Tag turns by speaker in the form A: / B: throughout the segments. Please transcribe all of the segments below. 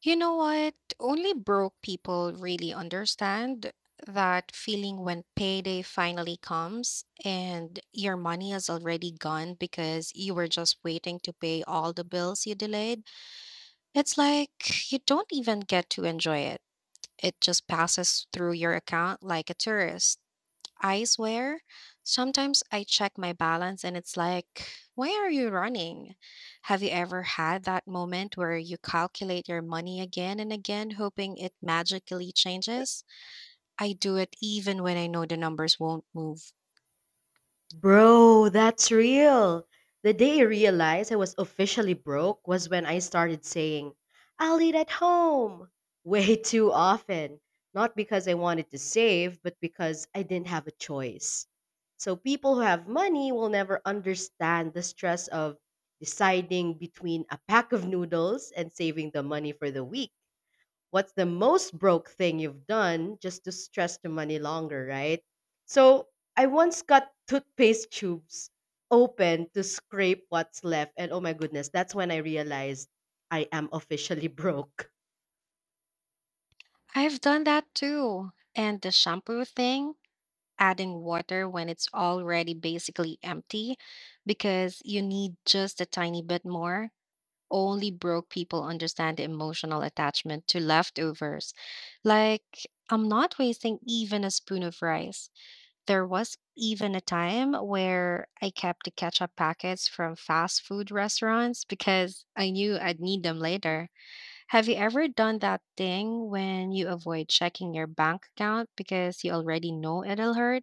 A: You know what? Only broke people really understand that feeling when payday finally comes and your money is already gone because you were just waiting to pay all the bills you delayed. It's like you don't even get to enjoy it. It just passes through your account like a tourist. I swear, sometimes I check my balance and it's like, why are you running? Have you ever had that moment where you calculate your money again and again, hoping it magically changes? I do it even when I know the numbers won't move.
B: Bro, that's real. The day I realized I was officially broke was when I started saying, I'll eat at home way too often. Not because I wanted to save, but because I didn't have a choice. So people who have money will never understand the stress of deciding between a pack of noodles and saving the money for the week. What's the most broke thing you've done just to stretch the money longer, right? So I once got toothpaste tubes open to scrape what's left. And oh my goodness, that's when I realized I am officially broke.
A: I've done that too. And the shampoo thing, adding water when it's already basically empty because you need just a tiny bit more. Only broke people understand the emotional attachment to leftovers. Like, I'm not wasting even a spoon of rice. There was even a time where I kept the ketchup packets from fast food restaurants because I knew I'd need them later. Have you ever done that thing when you avoid checking your bank account because you already know it'll hurt?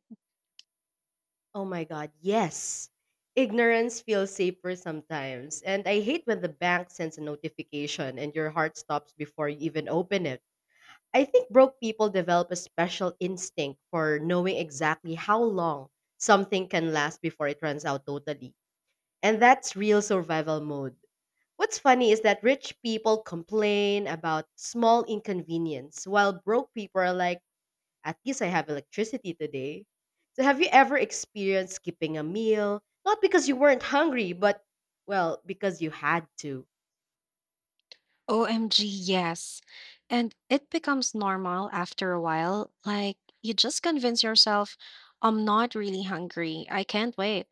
B: Oh my God, yes. Ignorance feels safer sometimes. And I hate when the bank sends a notification and your heart stops before you even open it. I think broke people develop a special instinct for knowing exactly how long something can last before it runs out totally. And that's real survival mode. What's funny is that rich people complain about small inconvenience while broke people are like, at least I have electricity today. So have you ever experienced skipping a meal? Not because you weren't hungry, but well, because you had to.
A: OMG, yes. And it becomes normal after a while. Like, you just convince yourself, I'm not really hungry. I can't wait.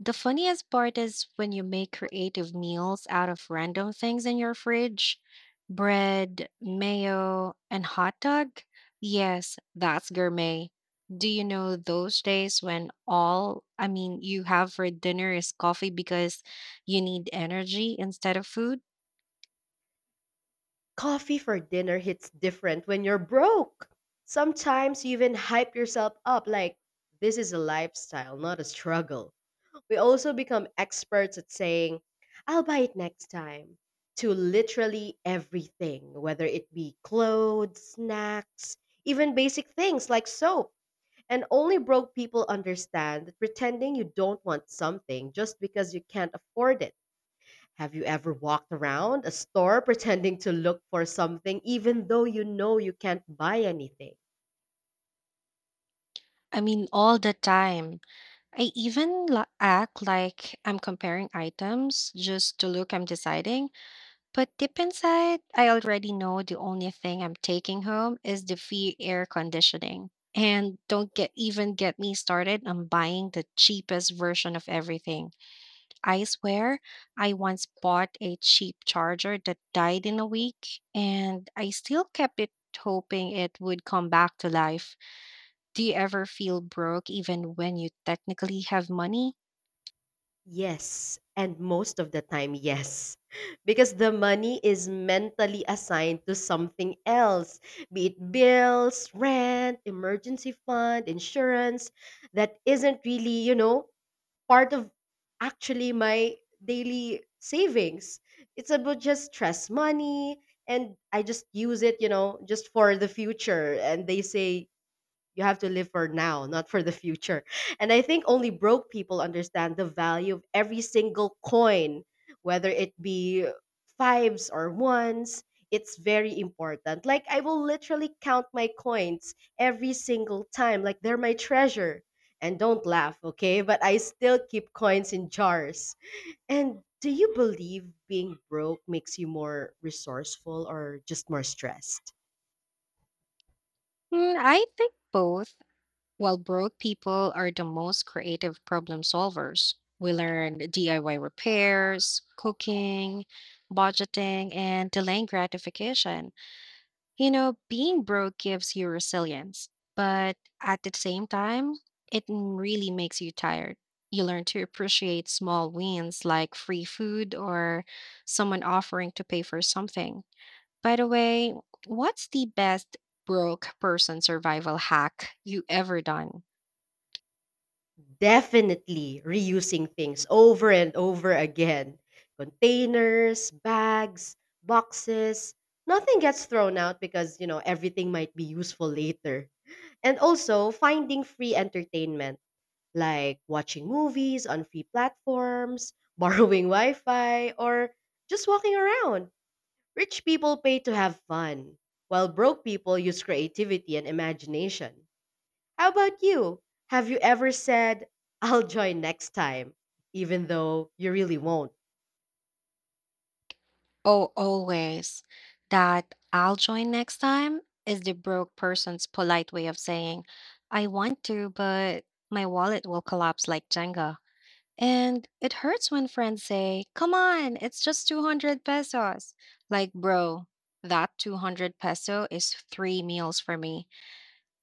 A: The funniest part is when you make creative meals out of random things in your fridge: bread, mayo, and hot dog. Yes, that's gourmet. Do you know those days when all I mean you have for dinner is coffee because you need energy instead of food?
B: Coffee for dinner hits different when you're broke. Sometimes you even hype yourself up like this is a lifestyle, not a struggle. We also become experts at saying, I'll buy it next time, to literally everything, whether it be clothes, snacks, even basic things like soap. And only broke people understand that pretending you don't want something just because you can't afford it. Have you ever walked around a store pretending to look for something even though you know you can't buy anything?
A: I mean, all the time. I even act like I'm comparing items just to look I'm deciding. But deep inside, I already know the only thing I'm taking home is the free air conditioning. And don't get even get me started on buying the cheapest version of everything. I swear, I once bought a cheap charger that died in a week, and I still kept it hoping it would come back to life. Do you ever feel broke even when you technically have money?
B: Yes, and most of the time, yes. Because the money is mentally assigned to something else, be it bills, rent, emergency fund, insurance, that isn't really, part of actually my daily savings. It's about just stress money, and I just use it, just for the future. And they say you have to live for now, not for the future. And I think only broke people understand the value of every single coin, whether it be fives or ones. It's very important. Like, I will literally count my coins every single time, like, they're my treasure. And don't laugh, okay? But I still keep coins in jars. And do you believe being broke makes you more resourceful or just more stressed?
A: I think both. While broke people are the most creative problem solvers, we learn DIY repairs, cooking, budgeting, and delaying gratification. You know, being broke gives you resilience, but at the same time, it really makes you tired. You learn to appreciate small wins like free food or someone offering to pay for something. By the way, what's the best broke person survival hack you ever done?
B: Definitely reusing things over and over again. Containers, bags, boxes. Nothing gets thrown out because, you know, everything might be useful later. And also finding free entertainment, like watching movies on free platforms, borrowing Wi Fi, or just walking around. Rich people pay to have fun, while broke people use creativity and imagination. How about you? Have you ever said, I'll join next time, even though you really won't?
A: Oh, always. That "I'll join next time" is the broke person's polite way of saying, I want to, but my wallet will collapse like Jenga. And it hurts when friends say, come on, it's just 200 pesos. Like, bro, that 200 peso is three meals for me.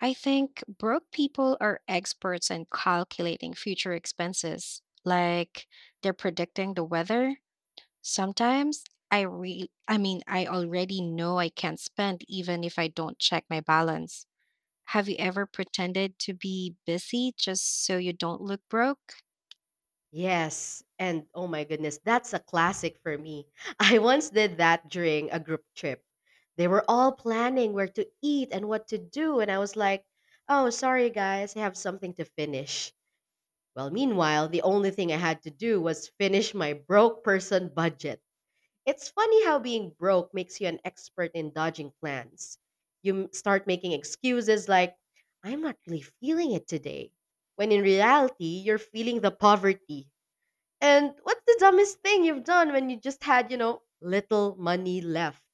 A: I think broke people are experts in calculating future expenses, like they're predicting the weather. Sometimes I already know I can't spend even if I don't check my balance. Have you ever pretended to be busy just so you don't look broke?
B: Yes. And oh my goodness, that's a classic for me. I once did that during a group trip. They were all planning where to eat and what to do. And I was like, oh, sorry, guys, I have something to finish. Well, meanwhile, the only thing I had to do was finish my broke person budget. It's funny how being broke makes you an expert in dodging plans. You start making excuses like, I'm not really feeling it today, when in reality, you're feeling the poverty. And what's the dumbest thing you've done when you just had, you know, little money left?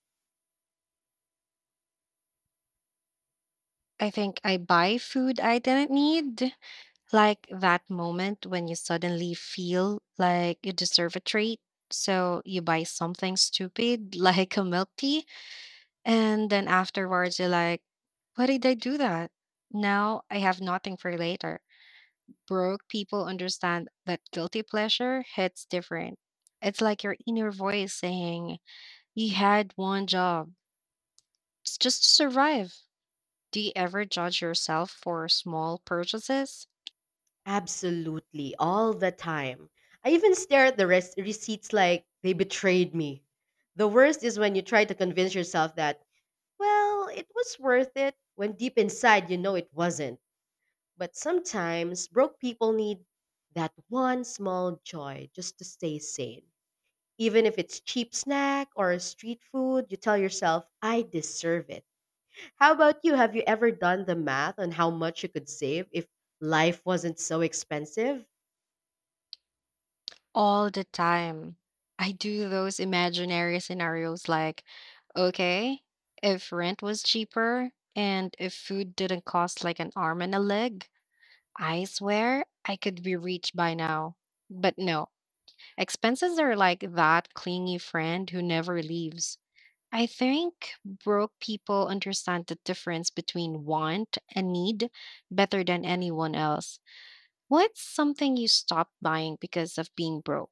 A: I think I buy food I didn't need, like that moment when you suddenly feel like you deserve a treat. So you buy something stupid like a milk tea. And then afterwards, you're like, why did I do that? Now I have nothing for later. Broke people understand that guilty pleasure hits different. It's like your inner voice saying, you had one job, it's just to survive. Do you ever judge yourself for small purchases?
B: Absolutely, all the time. I even stare at the receipts like they betrayed me. The worst is when you try to convince yourself that, well, it was worth it, when deep inside you know it wasn't. But sometimes broke people need that one small joy just to stay sane. Even if it's cheap snack or street food, you tell yourself, I deserve it. How about you? Have you ever done the math on how much you could save if life wasn't so expensive?
A: All the time. I do those imaginary scenarios like, okay, if rent was cheaper and if food didn't cost like an arm and a leg, I swear I could be rich by now. But no, expenses are like that clingy friend who never leaves. I think broke people understand the difference between want and need better than anyone else. What's something you stopped buying because of being broke?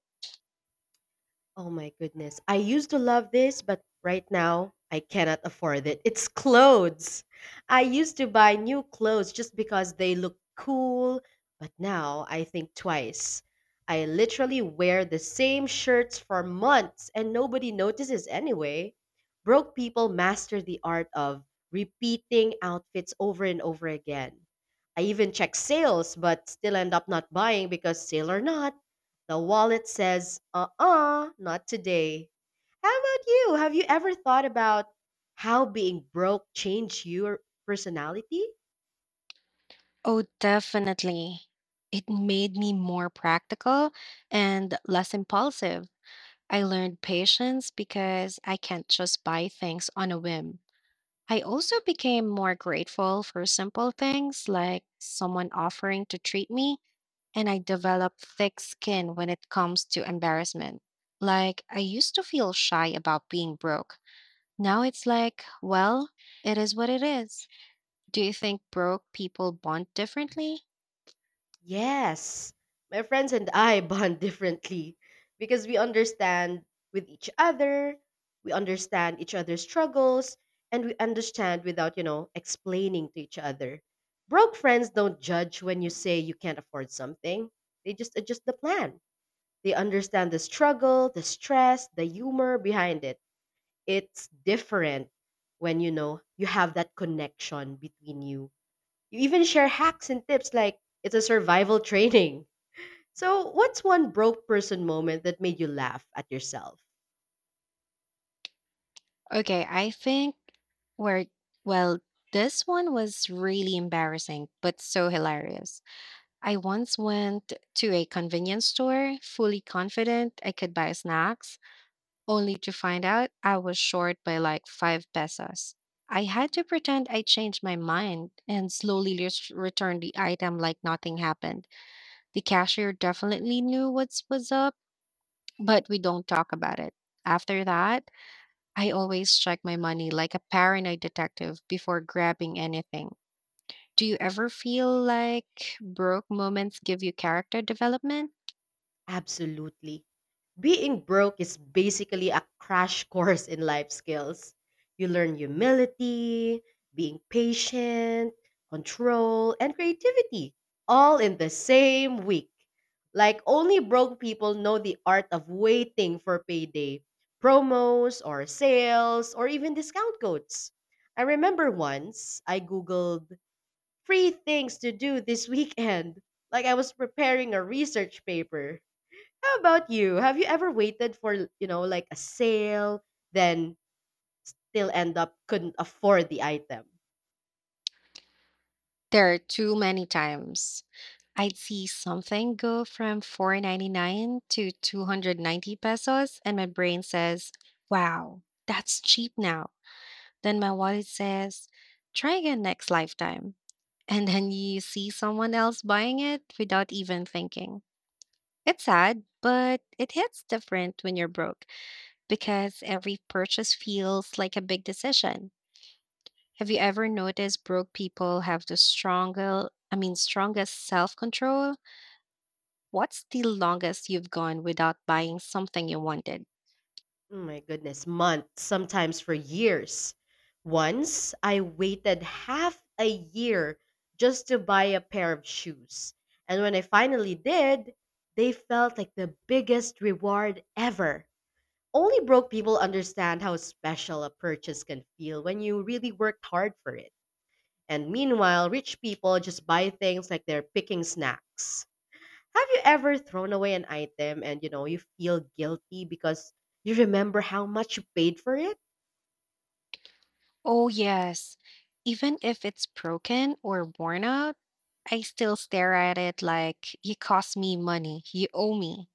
B: Oh my goodness. I used to love this, but right now I cannot afford it. It's clothes. I used to buy new clothes just because they look cool, but now I think twice. I literally wear the same shirts for months and nobody notices anyway. Broke people master the art of repeating outfits over and over again. I even check sales, but still end up not buying because sale or not. The wallet says, not today. How about you? Have you ever thought about how being broke changed your personality?
A: Oh, definitely. It made me more practical and less impulsive. I learned patience because I can't just buy things on a whim. I also became more grateful for simple things like someone offering to treat me, and I developed thick skin when it comes to embarrassment. Like, I used to feel shy about being broke. Now it's like, well, it is what it is. Do you think broke people bond differently?
B: Yes. My friends and I bond differently because we understand with each other, we understand each other's struggles, and we understand without, you know, explaining to each other. Broke friends don't judge when you say you can't afford something. They just adjust the plan. They understand the struggle, the stress, the humor behind it. It's different when you know you have that connection between you. You even share hacks and tips like it's a survival training. So, what's one broke person moment that made you laugh at yourself?
A: Okay, I think where, well, this one was really embarrassing, but so hilarious. I once went to a convenience store fully confident I could buy snacks, only to find out I was short by like five pesos. I had to pretend I changed my mind and slowly return the item like nothing happened. The cashier definitely knew what's was up, but we don't talk about it. After that, I always check my money like a paranoid detective before grabbing anything. Do you ever feel like broke moments give you character development?
B: Absolutely. Being broke is basically a crash course in life skills. You learn humility, being patient, control, and creativity all in the same week. Like only broke people know the art of waiting for payday, promos or sales or even discount codes. I remember once I googled free things to do this weekend, like I was preparing a research paper. How about you? Have you ever waited for, you know, like a sale, then still end up couldn't afford the item?
A: There are too many times. I'd see something go from 4.99 to 290 pesos and my brain says, "Wow, that's cheap now." Then my wallet says, "Try again next lifetime." And then you see someone else buying it without even thinking. It's sad, but it hits different when you're broke because every purchase feels like a big decision. Have you ever noticed broke people have the strongest self control? What's the longest you've gone without buying something you wanted?
B: Oh my goodness, months, sometimes for years. Once I waited half a year just to buy a pair of shoes. And when I finally did, they felt like the biggest reward ever. Only broke people understand how special a purchase can feel when you really worked hard for it. And meanwhile, rich people just buy things like they're picking snacks. Have you ever thrown away an item and you know you feel guilty because you remember how much you paid for it?
A: Oh, yes. Even if it's broken or worn out, I still stare at it like, you cost me money, you owe me.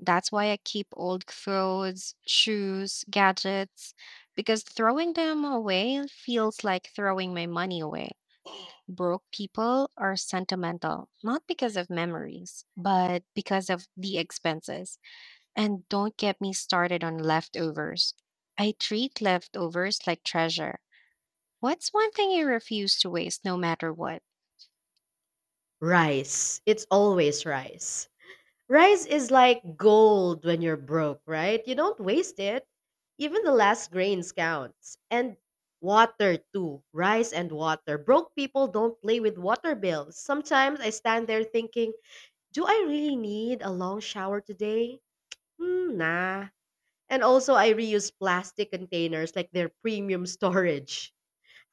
A: That's why I keep old clothes, shoes, gadgets, because throwing them away feels like throwing my money away. Broke people are sentimental, not because of memories, but because of the expenses. And don't get me started on leftovers. I treat leftovers like treasure. What's one thing you refuse to waste no matter what?
B: Rice. It's always rice. Rice is like gold when you're broke, right? You don't waste it. Even the last grains counts. And water too. Rice and water. Broke people don't play with water bills. Sometimes I stand there thinking, do I really need a long shower today? Hmm, nah. And also, I reuse plastic containers like their premium storage.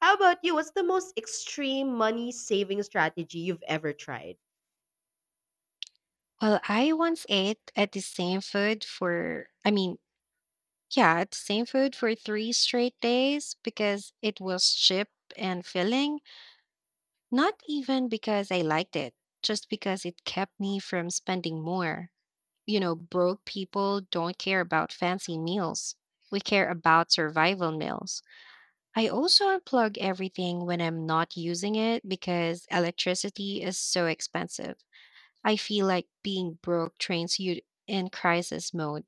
B: How about you? What's the most extreme money saving strategy you've ever tried?
A: Well, I once ate at the same food for three straight days because it was cheap and filling, not even because I liked it, just because it kept me from spending more. You know, broke people don't care about fancy meals. We care about survival meals. I also unplug everything when I'm not using it because electricity is so expensive. I feel like being broke trains you in crisis mode.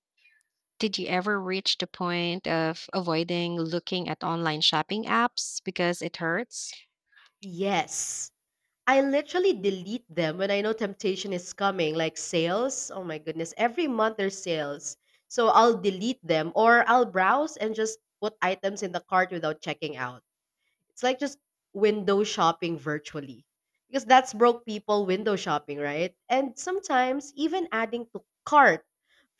A: Did you ever reach the point of avoiding looking at online shopping apps because it hurts?
B: Yes. I literally delete them when I know temptation is coming, like sales. Oh my goodness. Every month there's sales. So I'll delete them or I'll browse and just put items in the cart without checking out. It's like just window shopping virtually. Because that's broke people window shopping, right? And sometimes even adding to cart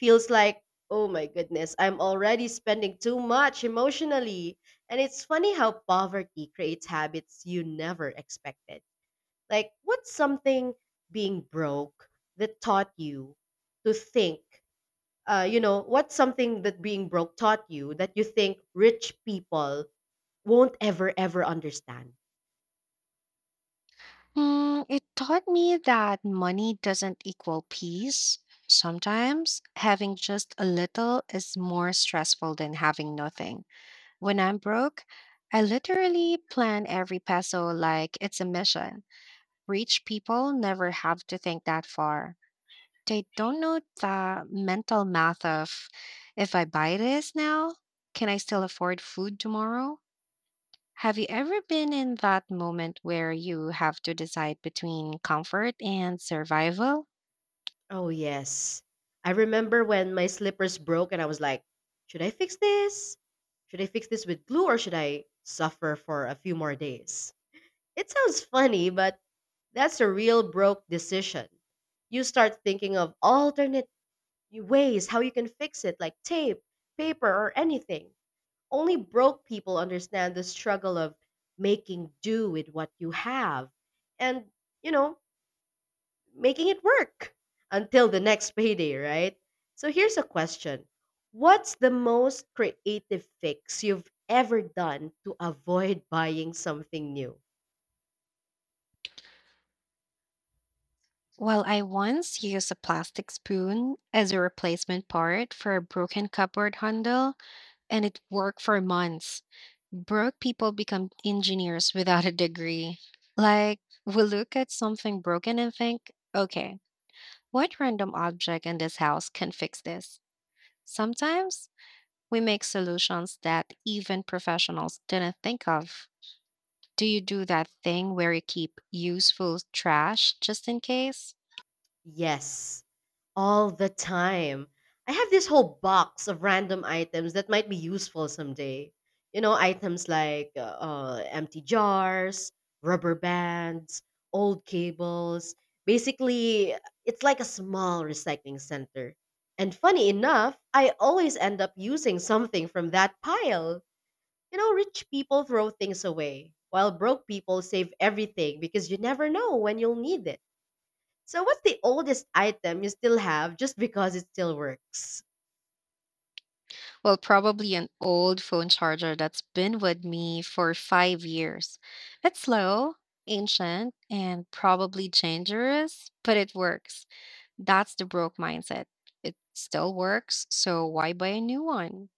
B: feels like, oh my goodness, I'm already spending too much emotionally. And it's funny how poverty creates habits you never expected. Like, what's something being broke that taught you to think? You know, what's something that being broke taught you that you think rich people won't ever, ever understand.
A: It taught me that money doesn't equal peace. Sometimes having just a little is more stressful than having nothing. When I'm broke, I literally plan every peso like it's a mission. Rich people never have to think that far. They don't know the mental math of, if I buy this now, can I still afford food tomorrow? Have you ever been in that moment where you have to decide between comfort and survival?
B: Oh, yes. I remember when my slippers broke and I was like, should I fix this? Should I fix this with glue or should I suffer for a few more days? It sounds funny, but that's a real broke decision. You start thinking of alternate ways how you can fix it, like tape, paper, or anything. Only broke people understand the struggle of making do with what you have and, you know, making it work until the next payday, right? So here's a question. What's the most creative fix you've ever done to avoid buying something new?
A: Well, I once used a plastic spoon as a replacement part for a broken cupboard handle, and it worked for months. Broke people become engineers without a degree. Like, we look at something broken and think, okay, what random object in this house can fix this? Sometimes we make solutions that even professionals didn't think of. Do you do that thing where you keep useful trash just in case?
B: Yes. All the time. I have this whole box of random items that might be useful someday. You know, items like empty jars, rubber bands, old cables. Basically, it's like a small recycling center. And funny enough, I always end up using something from that pile. You know, rich people throw things away, while broke people save everything because you never know when you'll need it. So, what's the oldest item you still have just because it still works?
A: Well, probably an old phone charger that's been with me for five years. It's slow, ancient, and probably dangerous, but it works. That's the broke mindset. It still works, so why buy a new one?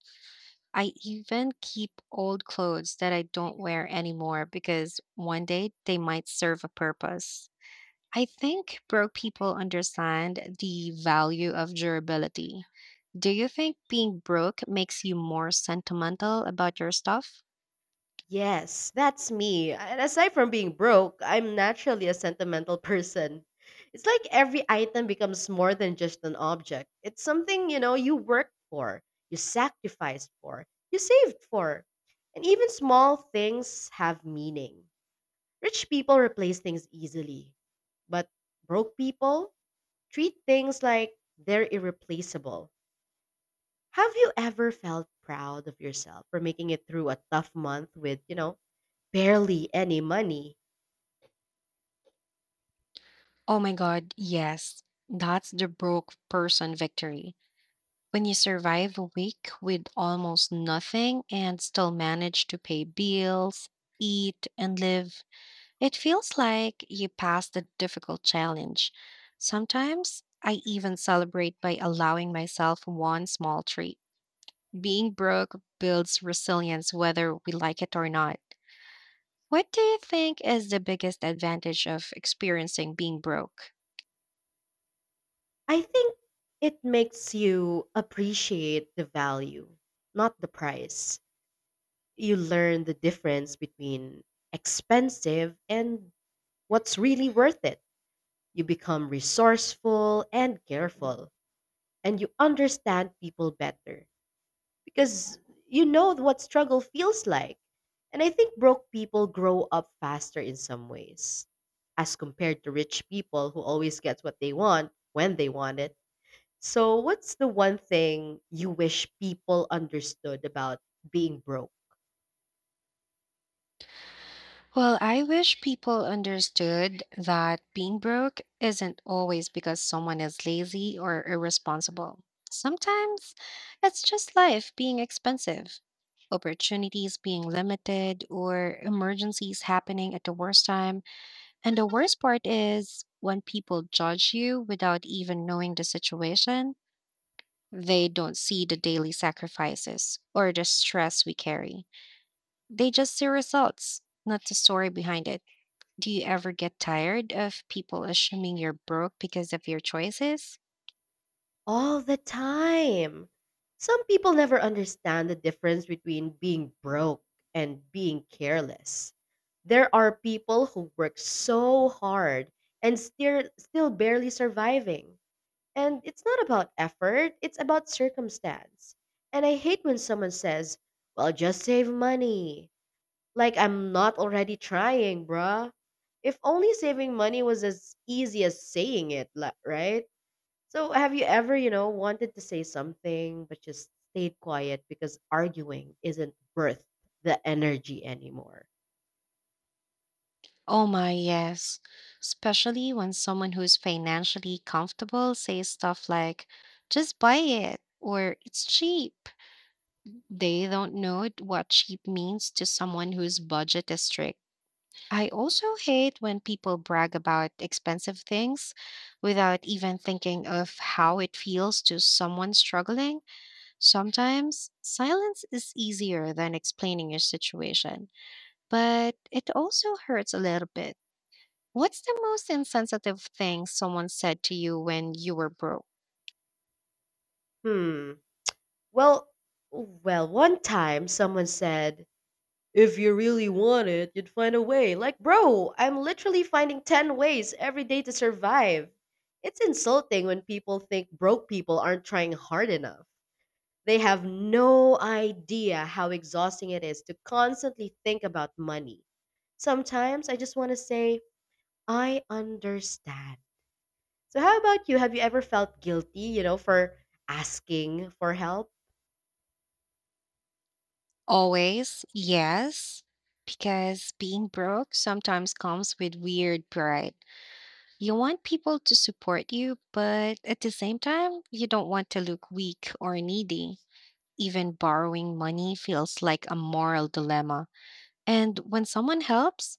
A: I even keep old clothes that I don't wear anymore because one day they might serve a purpose. I think broke people understand the value of durability. Do you think being broke makes you more sentimental about your stuff?
B: Yes, that's me. And aside from being broke, I'm naturally a sentimental person. It's like every item becomes more than just an object. It's something, you know, you worked for, you sacrificed for, you saved for. And even small things have meaning. Rich people replace things easily, but broke people treat things like they're irreplaceable. Have you ever felt proud of yourself for making it through a tough month with, you know, barely any money?
A: Oh my God, yes. That's the broke person victory. When you survive a week with almost nothing and still manage to pay bills, eat, and live, it feels like you passed the difficult challenge. Sometimes I even celebrate by allowing myself one small treat. Being broke builds resilience whether we like it or not. What do you think is the biggest advantage of experiencing being broke?
B: I think it makes you appreciate the value, not the price. You learn the difference between expensive and what's really worth it. You become resourceful and careful, and you understand people better, because you know what struggle feels like. And I think broke people grow up faster in some ways as compared to rich people who always get what they want when they want it. So, what's the one thing you wish people understood about being broke?
A: Well, I wish people understood that being broke isn't always because someone is lazy or irresponsible. Sometimes it's just life being expensive, opportunities being limited, or emergencies happening at the worst time. And the worst part is when people judge you without even knowing the situation, they don't see the daily sacrifices or the stress we carry. They just see results, not the story behind it. Do you ever get tired of people assuming you're broke because of your choices?
B: All the time. Some people never understand the difference between being broke and being careless. There are people who work so hard and still barely surviving. And it's not about effort, it's about circumstance. And I hate when someone says, "Well, just save money." Like I'm not already trying, bruh. If only saving money was as easy as saying it, right? So, have you ever, wanted to say something but just stayed quiet because arguing isn't worth the energy anymore?
A: Oh my, yes. Especially when someone who's financially comfortable says stuff like, just buy it, or it's cheap. They don't know what cheap means to someone whose budget is strict. I also hate when people brag about expensive things without even thinking of how it feels to someone struggling. Sometimes silence is easier than explaining your situation, but it also hurts a little bit. What's the most insensitive thing someone said to you when you were broke?
B: Hmm. Well, well, one time someone said, "If you really want it, you'd find a way." Like, bro, I'm literally finding 10 ways every day to survive. It's insulting when people think broke people aren't trying hard enough. They have no idea how exhausting it is to constantly think about money. Sometimes I just want to say, I understand. So, how about you? Have you ever felt guilty, for asking for help?
A: Always, yes, because being broke sometimes comes with weird pride. You want people to support you, but at the same time, you don't want to look weak or needy. Even borrowing money feels like a moral dilemma. And when someone helps,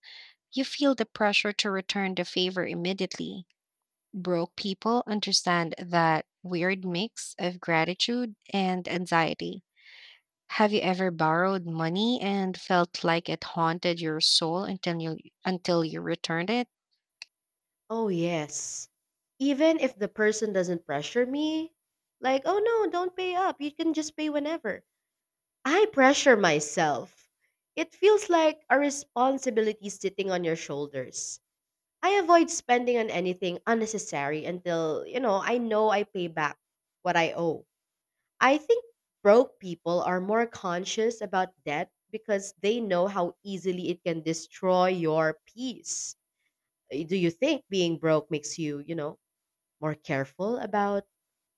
A: you feel the pressure to return the favor immediately. Broke people understand that weird mix of gratitude and anxiety. Have you ever borrowed money and felt like it haunted your soul until you returned it?
B: Oh, yes. Even if the person doesn't pressure me, like, oh no, don't pay up. You can just pay whenever. I pressure myself. It feels like a responsibility sitting on your shoulders. I avoid spending on anything unnecessary until, I know I pay back what I owe. I think broke people are more conscious about debt because they know how easily it can destroy your peace. Do you think being broke makes you more careful about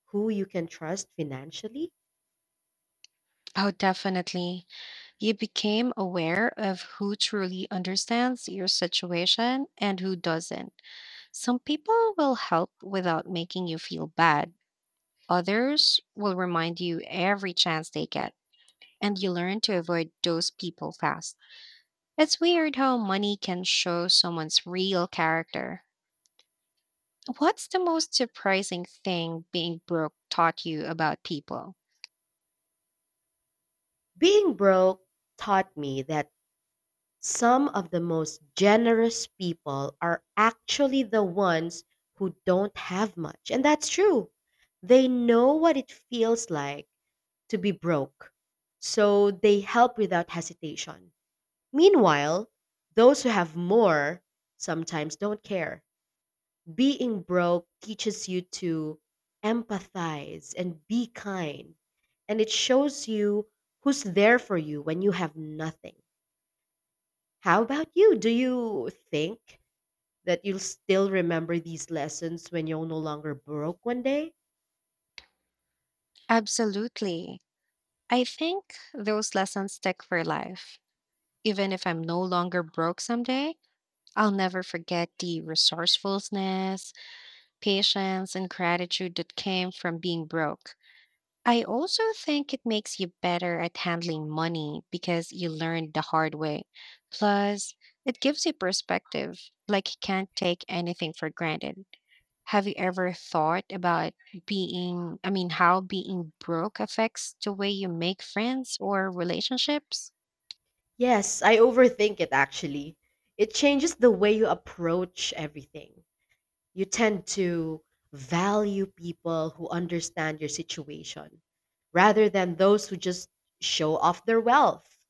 B: who you can trust financially?
A: Oh, definitely. You became aware of who truly understands your situation and who doesn't. Some people will help without making you feel bad. Others will remind you every chance they get, and you learn to avoid those people fast. It's weird how money can show someone's real character. What's the most surprising thing being broke taught you about people?
B: Being broke taught me that some of the most generous people are actually the ones who don't have much. And that's true. They know what it feels like to be broke. So they help without hesitation. Meanwhile, those who have more sometimes don't care. Being broke teaches you to empathize and be kind. And it shows you who's there for you when you have nothing. How about you? Do you think that you'll still remember these lessons when you're no longer broke one day?
A: Absolutely. I think those lessons stick for life. Even if I'm no longer broke someday, I'll never forget the resourcefulness, patience, and gratitude that came from being broke. I also think it makes you better at handling money because you learned the hard way. Plus, it gives you perspective, like you can't take anything for granted. Have you ever thought about how being broke affects the way you make friends or relationships?
B: Yes, I overthink it actually. It changes the way you approach everything. You tend to value people who understand your situation rather than those who just show off their wealth.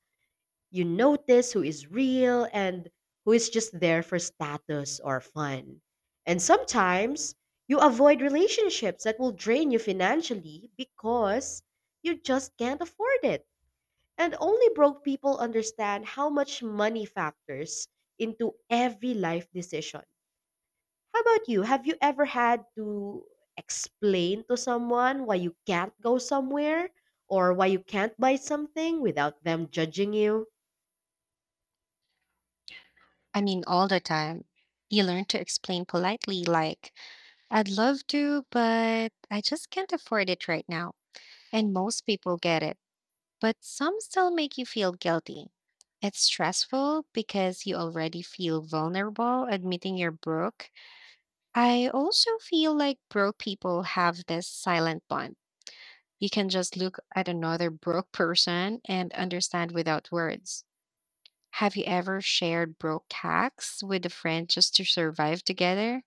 B: You notice who is real and who is just there for status or fun. And sometimes you avoid relationships that will drain you financially because you just can't afford it. And only broke people understand how much money factors into every life decision. How about you? Have you ever had to explain to someone why you can't go somewhere or why you can't buy something without them judging you?
A: I mean, all the time. You learn to explain politely, like, I'd love to, but I just can't afford it right now. And most people get it, but some still make you feel guilty. It's stressful because you already feel vulnerable admitting you're broke. I also feel like broke people have this silent bond. You can just look at another broke person and understand without words. Have you ever shared broke hacks with a friend just to survive together?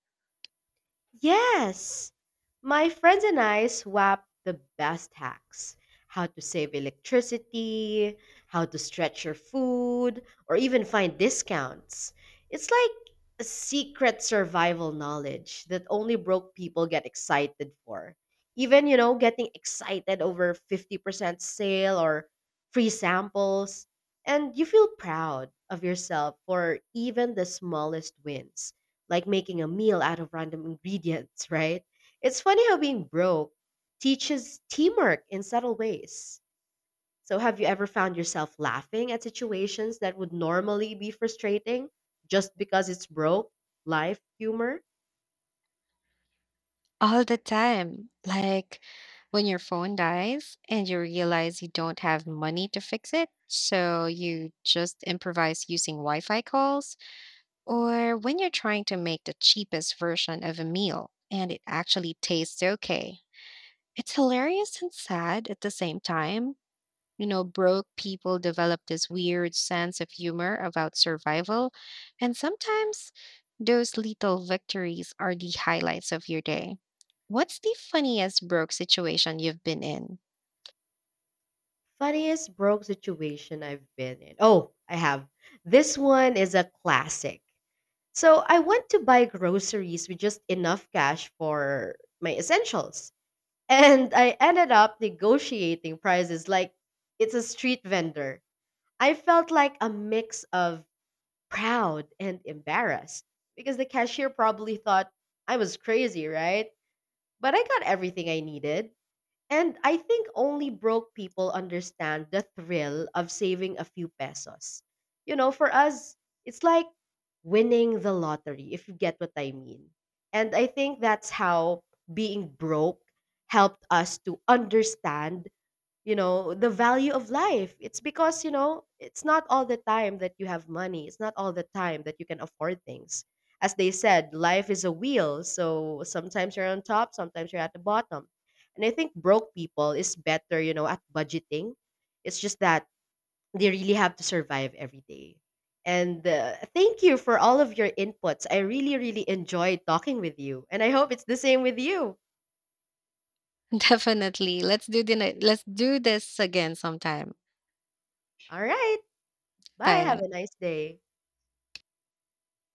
B: Yes, my friends and I swap the best hacks how to save electricity, how to stretch your food, or even find discounts. It's like a secret survival knowledge that only broke people get excited for. Even, getting excited over 50% sale or free samples. And you feel proud of yourself for even the smallest wins like making a meal out of random ingredients, right? It's funny how being broke teaches teamwork in subtle ways. So, have you ever found yourself laughing at situations that would normally be frustrating just because it's broke? Life humor?
A: All the time. Like when your phone dies and you realize you don't have money to fix it, so you just improvise using Wi Fi calls, or when you're trying to make the cheapest version of a meal and it actually tastes okay. It's hilarious and sad at the same time. You know, broke people develop this weird sense of humor about survival. And sometimes those little victories are the highlights of your day. What's the funniest broke situation you've been in?
B: Funniest broke situation I've been in. Oh, I have. This one is a classic. So, I went to buy groceries with just enough cash for my essentials. And I ended up negotiating prices like it's a street vendor. I felt like a mix of proud and embarrassed because the cashier probably thought I was crazy, right? But I got everything I needed. And I think only broke people understand the thrill of saving a few pesos. You know, for us, it's like winning the lottery, if you get what I mean. And I think that's how being broke helped us to understand, you know, the value of life. It's because, you know, it's not all the time that you have money. It's not all the time that you can afford things. As they said, life is a wheel, so sometimes you're on top, sometimes you're at the bottom. And I think broke people is better, you know, at budgeting. It's just that they really have to survive every day. And thank you for all of your inputs. I really enjoyed talking with you and I hope it's the same with you.
A: Definitely. Let's let's do this again sometime.
B: All right, bye,
A: Bye now.
B: have a nice day.